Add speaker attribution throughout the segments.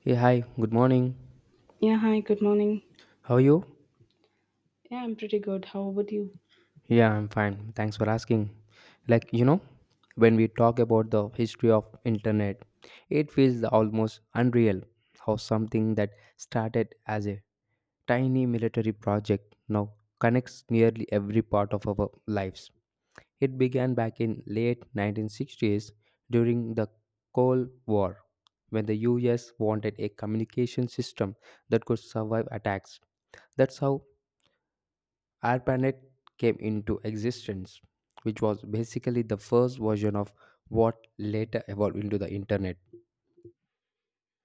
Speaker 1: Hey, hi, good morning.
Speaker 2: Yeah, hi, good morning.
Speaker 1: How are you?
Speaker 2: Yeah, I'm pretty good. How about you?
Speaker 1: Yeah, I'm fine. Thanks for asking. Like, when we talk about the history of internet, it feels almost unreal how something that started as a tiny military project now connects nearly every part of our lives. It began back in late 1960s during the Cold War when the US wanted a communication system that could survive attacks. That's how our planet came into existence, which was basically the first version of what later evolved into the internet.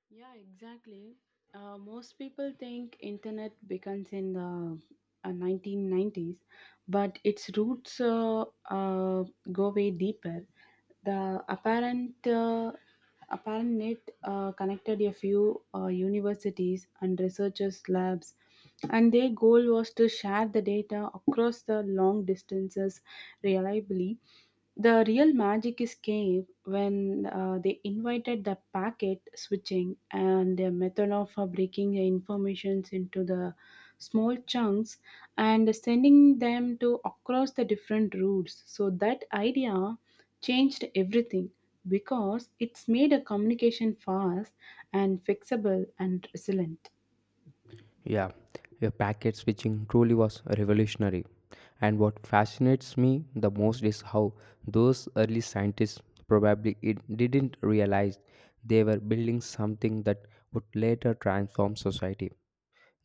Speaker 2: Yeah, exactly. Most people think internet begins in the 1990s, but its roots go way deeper. The apparent net connected a few universities and researchers' labs, and their goal was to share the data across the long distances reliably. The real magic is came when they invited the packet switching and their method of breaking the informations into the small chunks and sending them to across the different routes. So that idea changed everything because it's made a communication fast and fixable and resilient.
Speaker 1: Yeah, your packet switching truly was revolutionary. And what fascinates me the most is how those early scientists probably it didn't realize they were building something that would later transform society.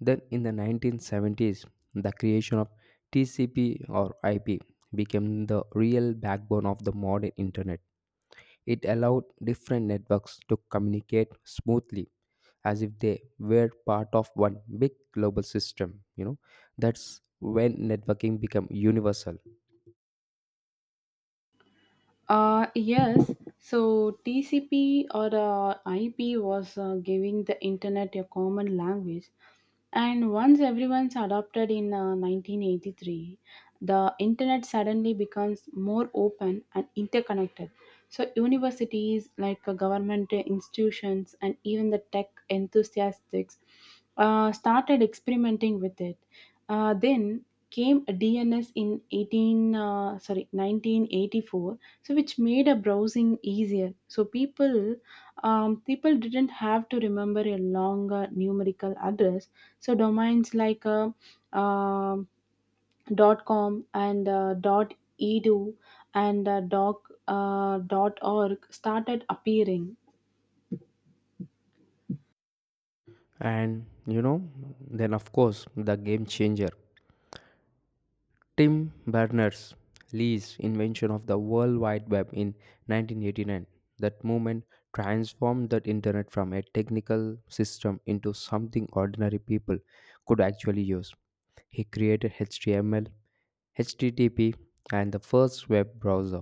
Speaker 1: Then in the 1970s, the creation of TCP or IP became the real backbone of the modern internet. It allowed different networks to communicate smoothly as if they were part of one big global system. That's when networking became universal.
Speaker 2: Yes, so TCP or IP was giving the internet a common language, and once everyone's adopted in 1983, the internet suddenly becomes more open and interconnected. So, universities, like government institutions, and even the tech enthusiasts started experimenting with it. Then came DNS in 1984, so which made a browsing easier, so people didn't have to remember a long numerical address, so domains like um .com and .edu and doc .org started appearing.
Speaker 1: And then of course, the game changer. Tim Berners Lee's invention of the World Wide Web in 1989. That movement transformed the internet from a technical system into something ordinary people could actually use. He created HTML, HTTP, and the first web browser.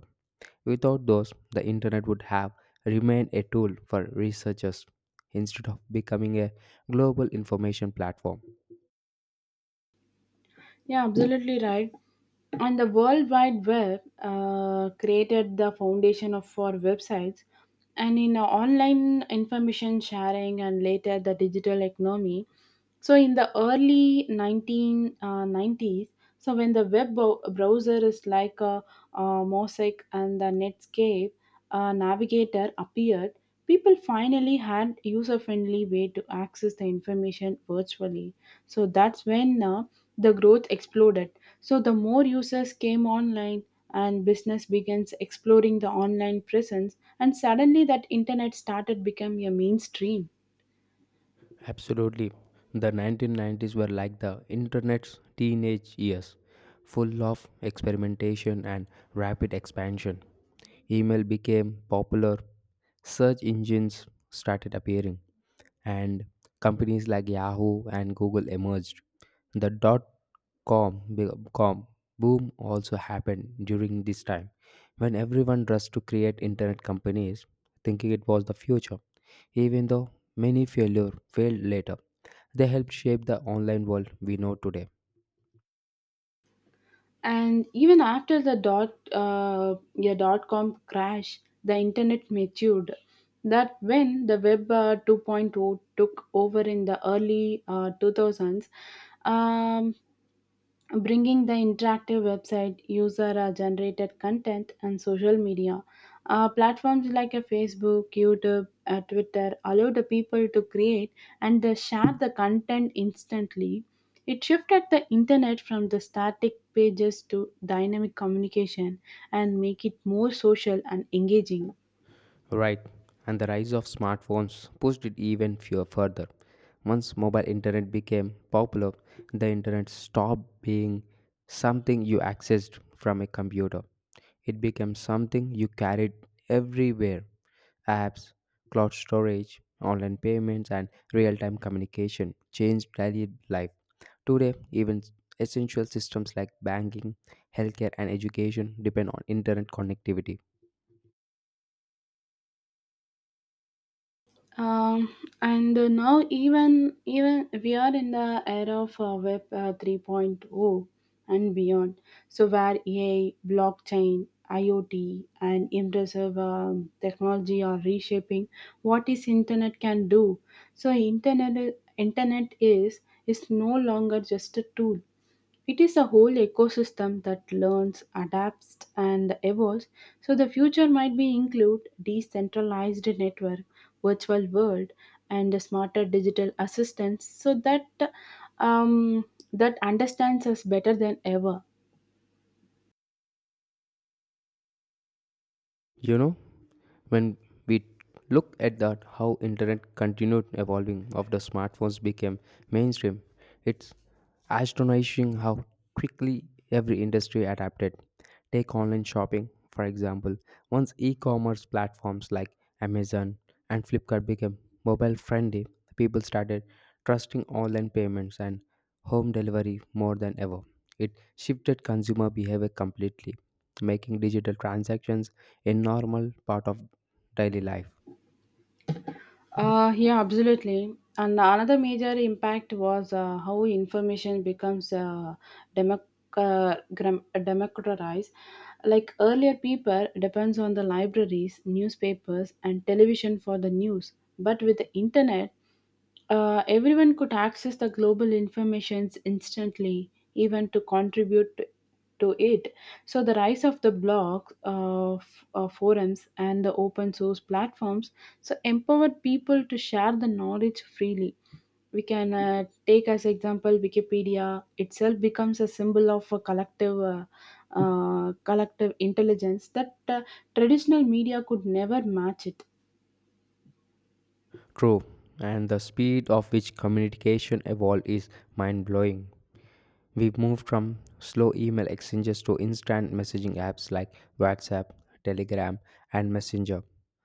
Speaker 1: Without those, the internet would have remained a tool for researchers instead of becoming a global information platform.
Speaker 2: Yeah, absolutely right. And the world wide web created the foundation of for websites and in online information sharing and later the digital economy. So in the early 1990s, so when the browser is like a, mosaic and the Netscape Navigator appeared, people finally had user-friendly way to access the information virtually. So that's when the growth exploded. So the more users came online and business begins exploring the online presence, and suddenly that internet started becoming a mainstream.
Speaker 1: Absolutely. The 1990s were like the internet's teenage years, full of experimentation and rapid expansion. Email became popular, search engines started appearing, and companies like Yahoo and Google emerged. The dot-com, boom also happened during this time when everyone rushed to create internet companies thinking it was the future. Even though many failure failed later, they helped shape the online world we know today.
Speaker 2: And even after the dot com crash, the internet matured. That when the web 2.0 took over in the early 2000s, um, bringing the interactive website, user generated content, and social media. Platforms like a Facebook, YouTube, Twitter allow the people to create and they share the content instantly. It shifted the internet from the static pages to dynamic communication and make it more social and engaging.
Speaker 1: Right, and the rise of smartphones pushed it even few further. Once mobile internet became popular, the internet stopped being something you accessed from a computer. It became something you carried everywhere, apps, cloud storage, online payments, and real time communication changed daily life. Today, even essential systems like banking, healthcare, and education depend on internet connectivity.
Speaker 2: Um, and now even we are in the era of web 3.0 and beyond, so where ai blockchain iot and impressive technology are reshaping what is internet can do. So internet is no longer just a tool. It is a whole ecosystem that learns, adapts, and evolves. So the future might be include decentralized network, virtual world, and smarter digital assistants, so that um, that understands us better than ever.
Speaker 1: You know, when we look at that how internet continued evolving after smartphones became mainstream, it's astonishing how quickly every industry adapted. Take online shopping, for example. Once e-commerce platforms like Amazon and Flipkart became mobile friendly, people started trusting online payments and home delivery more than ever. It shifted consumer behavior completely, making digital transactions a normal part of daily life.
Speaker 2: Yeah, absolutely. And another major impact was how information becomes democ- democratized. Like earlier, people depends on the libraries, newspapers, and television for the news. But with the internet, everyone could access the global informations instantly, even to contribute to it. So the rise of the blogs, forums, and the open source platforms so empowered people to share the knowledge freely. We can take as example Wikipedia itself becomes a symbol of a collective intelligence that traditional media could never match it.
Speaker 1: True, and the speed of which communication evolved is mind blowing. We moved from slow email exchanges to instant messaging apps like WhatsApp, Telegram, and Messenger.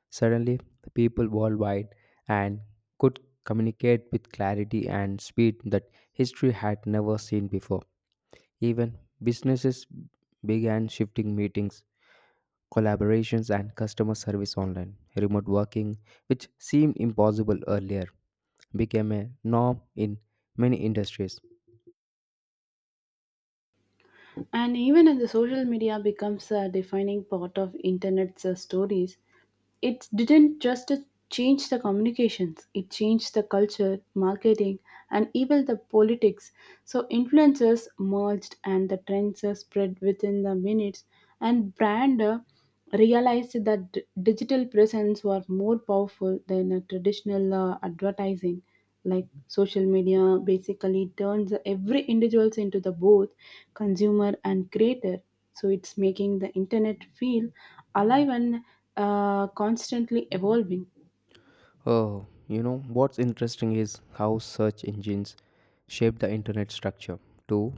Speaker 1: Suddenly, the people worldwide and could communicate with clarity and speed that history had never seen before. Even businesses began shifting meetings, collaborations, and customer service online. Remote working, which seemed impossible earlier, became a norm in many industries.
Speaker 2: And even as the social media becomes a defining part of internet's stories, it didn't just to change the communications, it changed the culture marketing and even the politics, so influencers merged and the trends are spread within the minutes, and brand realized that digital presence were more powerful than a traditional advertising. Like social media basically turns every individuals into the both consumer and creator, so it's making the internet feel alive and constantly evolving.
Speaker 1: Oh, what's interesting is how search engines shape the internet structure too.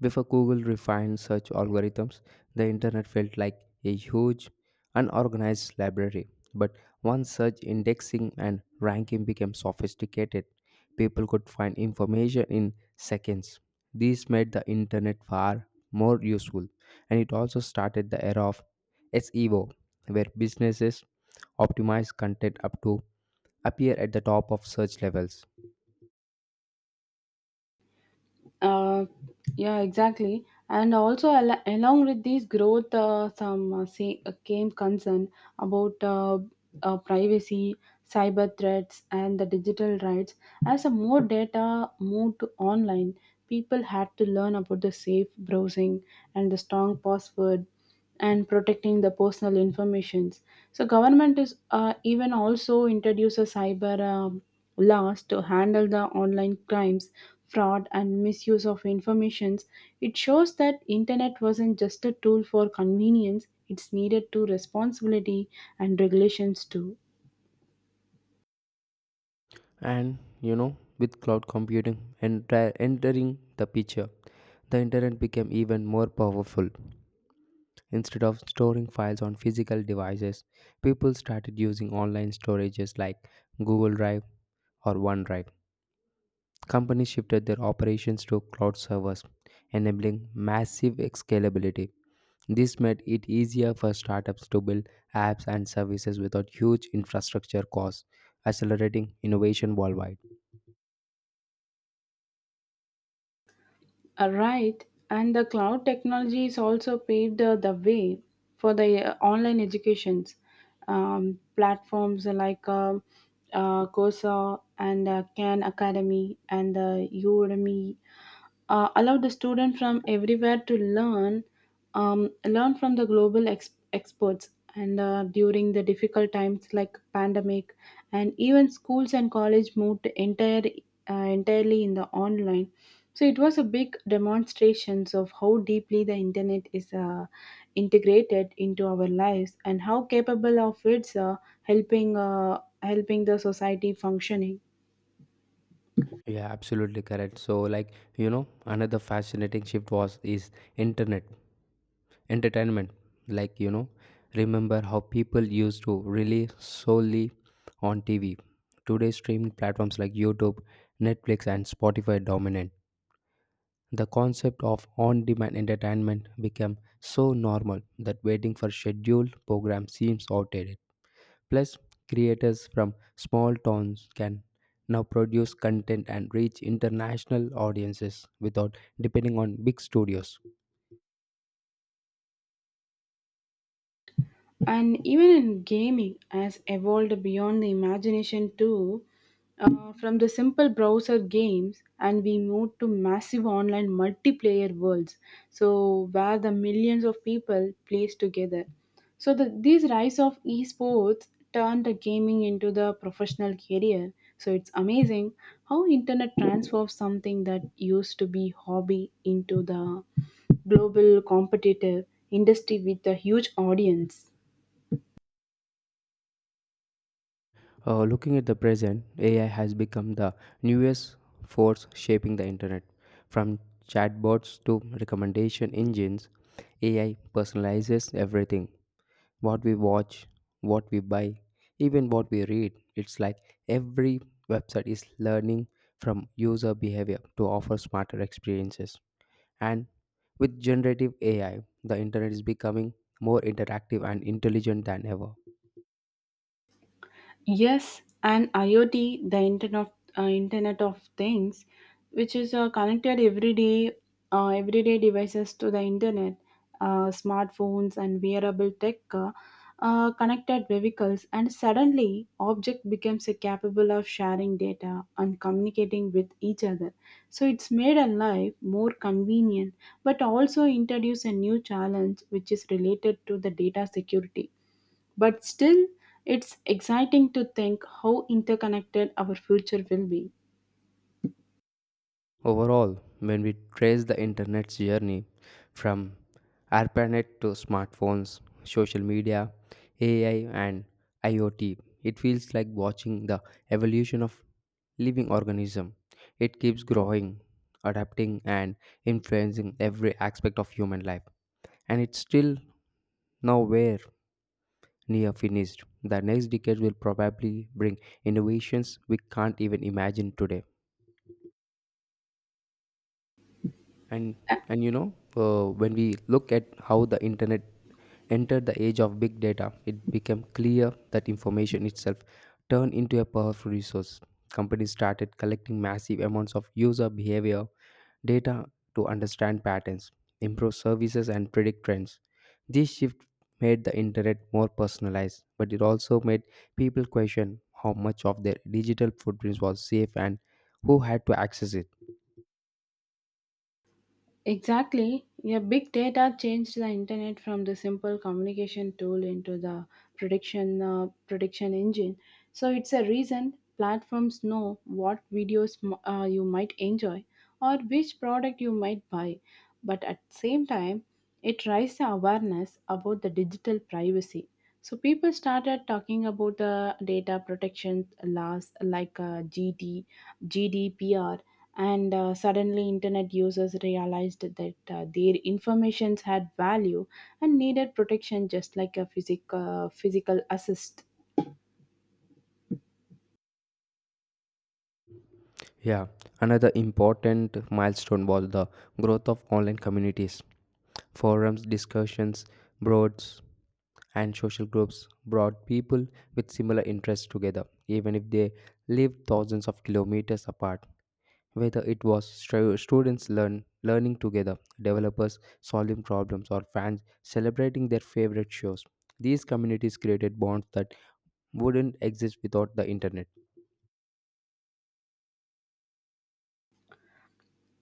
Speaker 1: Before Google refined search algorithms, the internet felt like a huge, unorganized library. But once search indexing and ranking became sophisticated, people could find information in seconds. This made the internet far more useful, and it also started the era of SEO, where businesses optimize content up to appear at the top of search levels.
Speaker 2: uh, yeah, exactly. And also along with this growth, came concern about privacy, cyber threats and the digital rights. As a more data moved to online, people had to learn about the safe browsing and the strong password and protecting the personal informations. So government is even also introduce a cyber laws to handle the online crimes, fraud, and misuse of informations. It shows that internet wasn't just a tool for convenience; it's needed to responsibility and regulations too.
Speaker 1: And with cloud computing entering the picture, the internet became even more powerful. Instead of storing files on physical devices, people started using online storages like Google Drive or OneDrive. Companies shifted their operations to cloud servers, enabling massive scalability. This made it easier for startups to build apps and services without huge infrastructure costs, accelerating innovation worldwide.
Speaker 2: Right, and the cloud technologies also paved the way for the online educations. Platforms like Coursera and Khan Academy and Udemy allow the student from everywhere to learn from the global experts, and during the difficult times like pandemic, and even schools and college moved entirely in the online. So it was a big demonstrations of how deeply the internet is integrated into our lives, and how capable of its helping the society functioning.
Speaker 1: Yeah, absolutely correct. So, like another fascinating shift was is internet entertainment. Like remember how people used to rely solely on TV. Today, streaming platforms like YouTube, Netflix, and Spotify dominate. The concept of on demand entertainment became so normal that waiting for scheduled programs seems outdated. Plus, creators from small towns can now produce content and reach international audiences without depending on big studios.
Speaker 2: And even in gaming has evolved beyond the imagination too. From the simple browser games and we moved to massive online multiplayer worlds, so where the millions of people plays together. So this rise of esports turned the gaming into the professional career, so it's amazing how internet transforms something that used to be hobby into the global competitive industry with a huge audience.
Speaker 1: Looking at the present, AI has become the newest force shaping the internet. From chatbots to recommendation engines, AI personalizes everything. What we watch, what we buy, even what we read. It's like every website is learning from user behavior to offer smarter experiences. And with generative AI, the internet is becoming more interactive and intelligent than ever.
Speaker 2: Yes, and IoT, the Internet of Things, which is connected everyday devices to the internet, smartphones and wearable tech, connected vehicles, and suddenly object becomes capable of sharing data and communicating with each other. So it's made our life more convenient, but also introduce a new challenge which is related to the data security. But still, it's exciting to think how interconnected our future will be.
Speaker 1: Overall, when we trace the internet's journey from ARPANET to smartphones, social media, AI, and IoT, it feels like watching the evolution of living organism. It keeps growing, adapting, and influencing every aspect of human life, and it's still nowhere near finished. The next decade will probably bring innovations we can't even imagine today. and
Speaker 2: Uh,
Speaker 1: and when we look at how the internet entered the age of big data, it became clear that information itself turned into a powerful resource. Companies started collecting massive amounts of user behavior data to understand patterns, improve services, and predict trends. This shift made the internet more personalized, but it also made people question how much of their digital footprints was safe and who had to access it.
Speaker 2: Exactly. Yeah, big data changed the internet from the simple communication tool into the prediction engine. So it's a reason platforms know what videos you might enjoy, or which product you might buy. But at the same time, it raises the awareness about the digital privacy. So people started talking about the data protection laws like GDPR, and suddenly internet users realized that their informations had value and needed protection just like a physical assist.
Speaker 1: Yeah, another important milestone was the growth of online communities. Forums, discussions, boards, and social groups brought people with similar interests together, even if they lived thousands of kilometers apart. Whether it was students learning together, developers solving problems, or fans celebrating their favorite shows, these communities created bonds that wouldn't exist without the internet.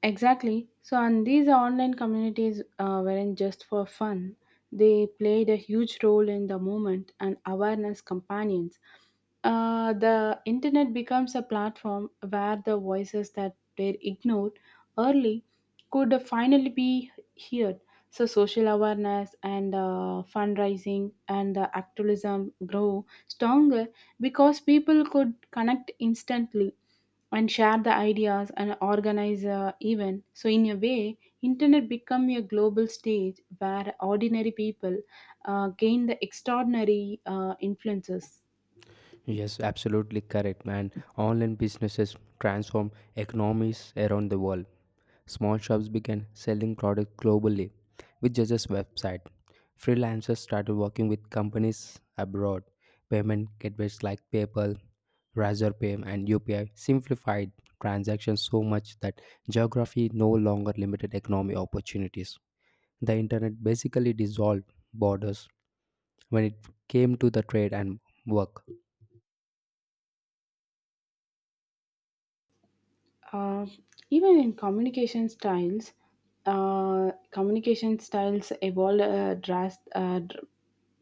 Speaker 2: Exactly. So, and these online communities weren't just for fun. They played a huge role in the movement and awareness companions. The internet becomes a platform where the voices that were ignored early could finally be heard. So, social awareness and fundraising and the activism grow stronger because people could connect instantly and share the ideas and organize a event, so in a way internet become a global stage where ordinary people gain the extraordinary influences.
Speaker 1: Yes, absolutely correct, man. Online businesses transform economies around the world. Small shops began selling products globally with just a website. Freelancers started working with companies abroad. Payment gateways like PayPal, Razorpay, and UPI simplified transactions so much that geography no longer limited economic opportunities. The internet basically dissolved borders when it came to the trade and work.
Speaker 2: uh, Even in communication styles evolve uh, dras- uh, dr-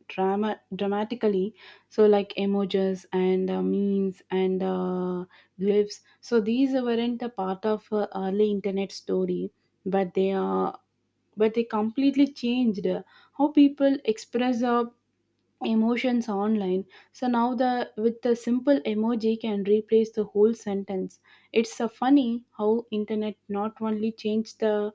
Speaker 2: drama dramatically. So like emojis and memes and glyphs, so these weren't a part of early internet story, but they are, but they completely changed how people express their emotions online. So now the with the simple emoji can replace the whole sentence. It's funny how internet not only changed the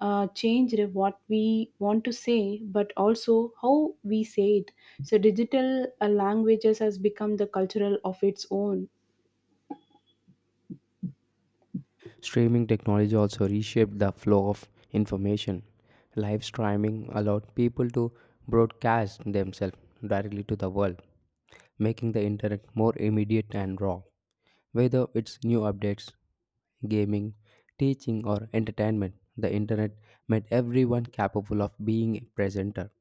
Speaker 2: changed what we want to say, but also how we say it. So digital languages has become the cultural of its own.
Speaker 1: Streaming technology also reshaped the flow of information. Live streaming allowed people to broadcast themselves directly to the world, making the internet more immediate and raw. Whether it's new updates, gaming, teaching, or entertainment, the internet made everyone capable of being a presenter.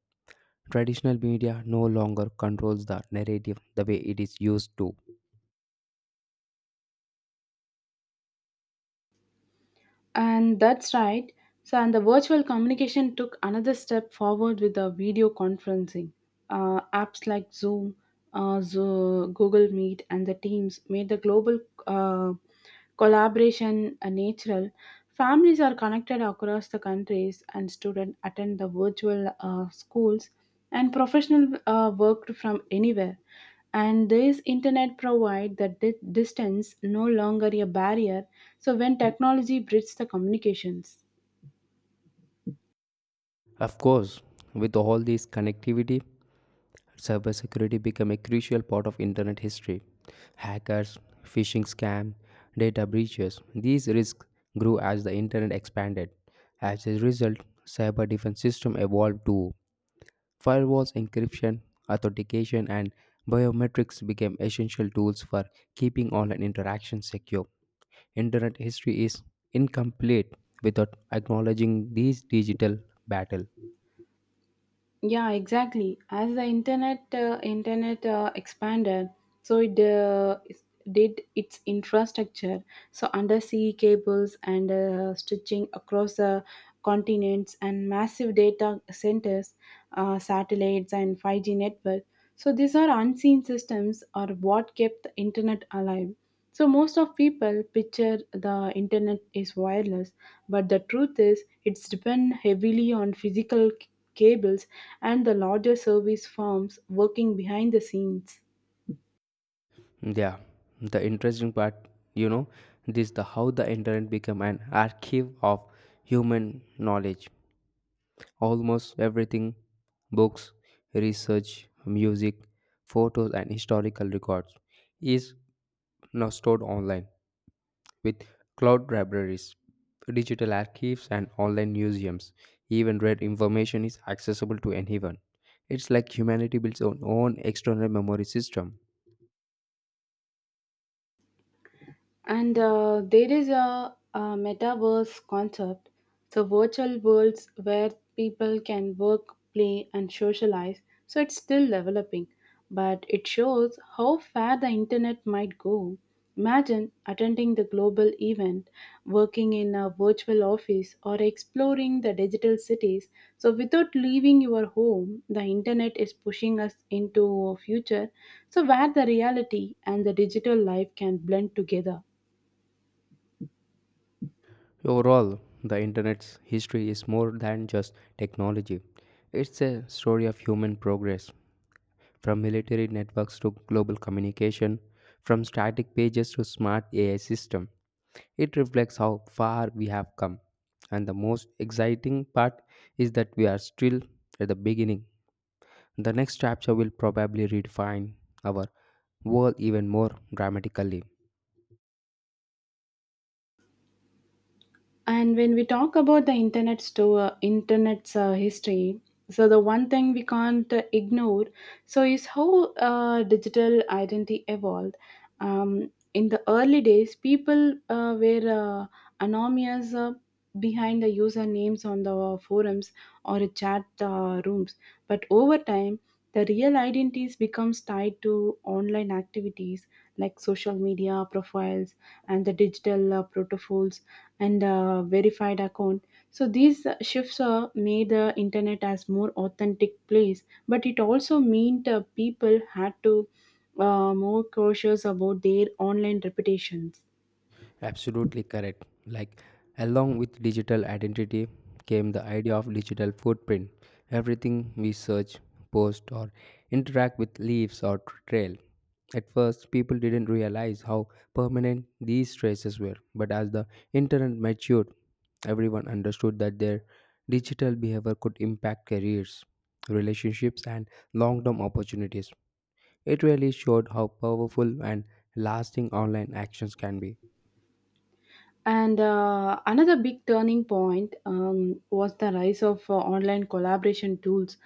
Speaker 1: Traditional media no longer controls the narrative the way it is used to.
Speaker 2: And that's right. So, and the virtual communication took another step forward with the video conferencing. Apps like Zoom, Google Meet, and the Teams made the global uh, collaboration natural. Families are connected across the countries, and students attend the virtual schools and professional worked from anywhere, and this internet provide that distance no longer a barrier, so when technology bridges the communications.
Speaker 1: Of course, with all this connectivity, cybersecurity became a crucial part of internet history. Hackers, phishing scams, data breaches, these risks grew as the internet expanded. As a result, cyber defense systems evolved too. Firewalls, encryption, authentication, and biometrics became essential tools for keeping online interactions secure. Internet history is incomplete without acknowledging these digital battle.
Speaker 2: Yeah, exactly. As the internet internet expanded, so it did its infrastructure. So undersea cables and stitching across the continents and massive data centers, satellites and 5G network. So these are unseen systems are what kept the internet alive. So most of people picture the internet is wireless, but the truth is it's depend heavily on physical cables and the larger service firms working behind the scenes.
Speaker 1: Yeah, the interesting part, you know, this the how the internet became an archive of human knowledge. Almost everything, books, research, music, photos, and historical records, is now stored online with cloud libraries, digital archives, and online museums. Even read information is accessible to anyone. It's like humanity builds its own external memory system.
Speaker 2: And there is a metaverse concept, so virtual worlds where people can work, play, and socialize. So it's still developing, but it shows how far the internet might go. Imagine attending the global event, working in a virtual office, or exploring the digital cities. So without leaving your home, the internet is pushing us into a future so where the reality and the digital life can blend together.
Speaker 1: Overall, the internet's history is more than just technology. It's a story of human progress, from military networks to global communication, from static pages to smart AI system. It reflects how far we have come. And the most exciting part is that we are still at the beginning. The next chapter will probably redefine our world even more dramatically.
Speaker 2: And when we talk about the internet's history, so the one thing we can't ignore, so is how digital identity evolved. In the early days, people were anonymous behind the usernames on the forums or chat rooms, but over time. The real identities becomes tied to online activities like social media profiles and the digital protocols and verified account. So these shifts made the internet as more authentic place, but it also meant people had to more cautious about their online reputations.
Speaker 1: Absolutely correct. Like, along with digital identity came the idea of digital footprint. Everything we search, post, or interact with leaves or trail. At first, people didn't realize how permanent these traces were, but as the internet matured, everyone understood that their digital behavior could impact careers, relationships, and long term opportunities. It really showed how powerful and lasting online actions can be.
Speaker 2: And another big turning point was the rise of online collaboration tools,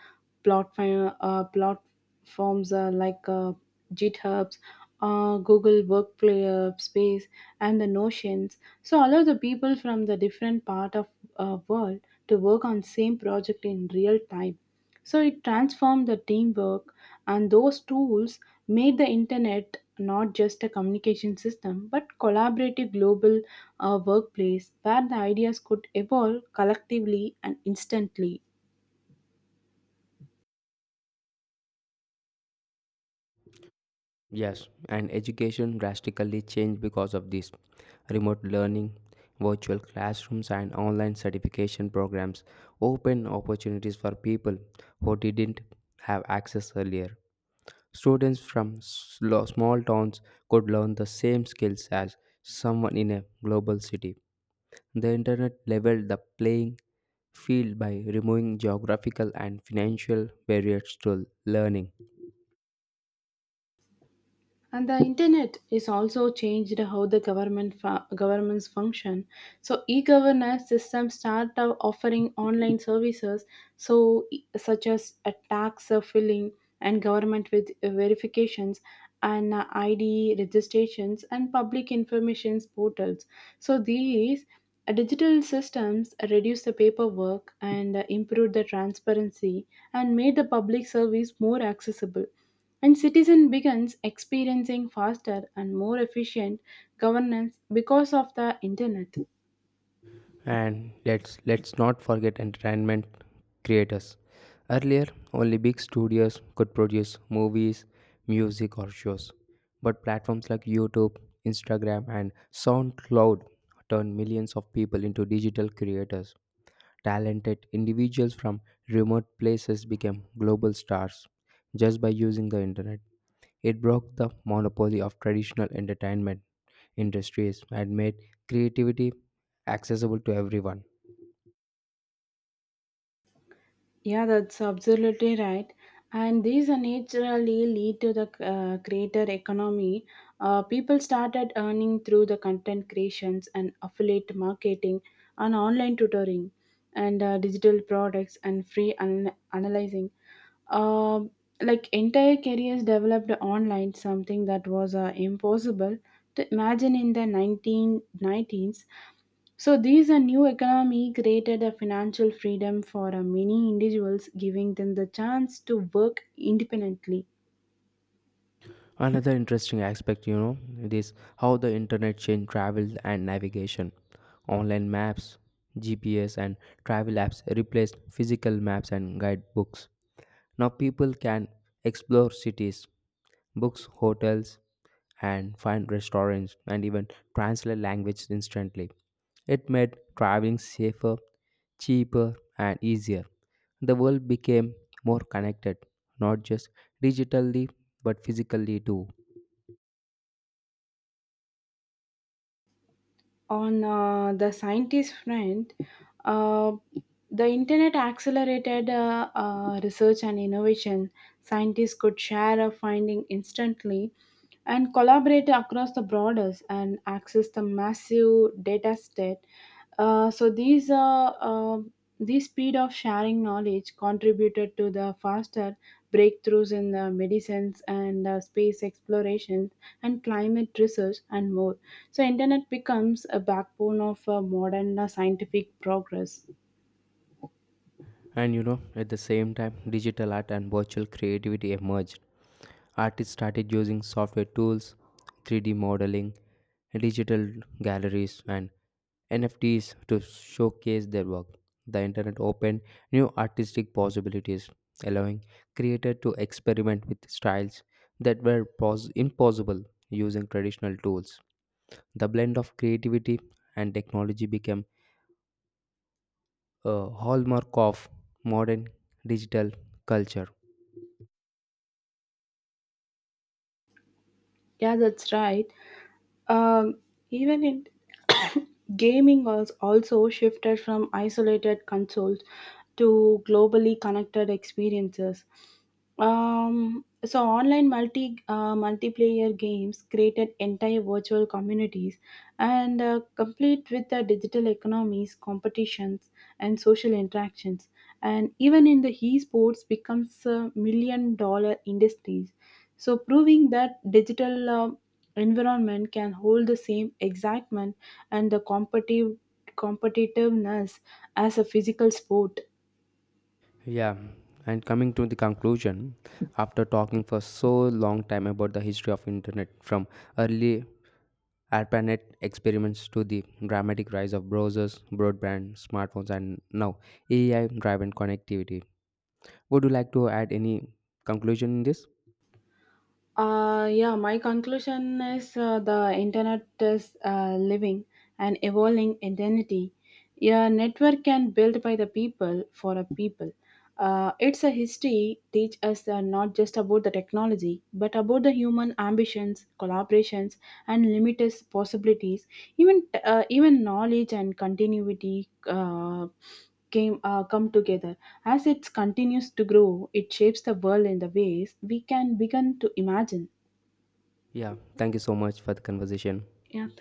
Speaker 2: platforms like GitHubs, Google Workspace, and the Notions. So allow the people from the different part of world to work on same project in real time. So it transformed the teamwork, and those tools made the internet not just a communication system but collaborative global workplace where the ideas could evolve collectively and instantly.
Speaker 1: Yes, and education drastically changed because of this. Remote learning, virtual classrooms, and online certification programs open opportunities for people who didn't have access earlier. Students from small towns could learn the same skills as someone in a global city. The internet leveled the playing field by removing geographical and financial barriers to learning.
Speaker 2: And the internet is also changed how the governments function. So e-governance systems start of offering online services, so such as a tax filling and government with verifications and ID registrations and public information portals. So these digital systems reduce the paperwork and improve the transparency and made the public service more accessible, and citizen begins experiencing faster and more efficient governance because of the internet.
Speaker 1: And let's not forget entertainment creators. Earlier, only big studios could produce movies, music or shows. But platforms like YouTube, Instagram and SoundCloud turn millions of people into digital creators. Talented individuals from remote places became global stars just by using the internet. It broke the monopoly of traditional entertainment industries and made creativity accessible to everyone.
Speaker 2: Yeah, that's absolutely right. And these are naturally lead to the creator economy. People started earning through the content creations and affiliate marketing and online tutoring and digital products and free analyzing. Um like entire careers developed online, something that was impossible to imagine in the 1990s. So these a new economy created a financial freedom for many individuals, giving them the chance to work independently.
Speaker 1: Another interesting aspect, it is how the internet changed travel and navigation. Online maps, GPS, and travel apps replaced physical maps and guidebooks. Now people can explore cities, books hotels and find restaurants and even translate language instantly. It made traveling safer, cheaper, and easier. The world became more connected, not just digitally but physically too.
Speaker 2: On the scientist front, uh, the internet accelerated research and innovation. Scientists could share a finding instantly and collaborate across the borders and access the massive data set. So these speed of sharing knowledge contributed to the faster breakthroughs in the medicines and space exploration and climate research and more. So internet becomes a backbone of modern scientific progress.
Speaker 1: And at the same time, digital art and virtual creativity emerged. Artists started using software tools, 3D modeling, digital galleries, and NFTs to showcase their work. The internet opened new artistic possibilities, allowing creators to experiment with styles that were impossible using traditional tools. The blend of creativity and technology became a hallmark of modern digital culture.
Speaker 2: Yeah, that's right. Um, Even in gaming was also shifted from isolated consoles to globally connected experiences. So online multiplayer games created entire virtual communities and complete with the digital economies, competitions, and social interactions. And even in the esports becomes $1 million industries. So proving that digital environment can hold the same excitement and the competitiveness as a physical sport.
Speaker 1: Yeah, and coming to the conclusion, after talking for so long time about the history of internet from early ARPANET experiments to the dramatic rise of browsers, broadband, smartphones, and now AI driven connectivity. Would you like to add any conclusion in this?
Speaker 2: Yeah, my conclusion is the internet is living and evolving identity. A network can built by the people for a people. It's a history teach us not just about the technology, but about the human ambitions, collaborations, and limitless possibilities. Even knowledge and continuity. Came Come together. As it continues to grow, it shapes the world in the ways we can begin to imagine.
Speaker 1: Yeah, thank you so much for the conversation.
Speaker 2: Yeah,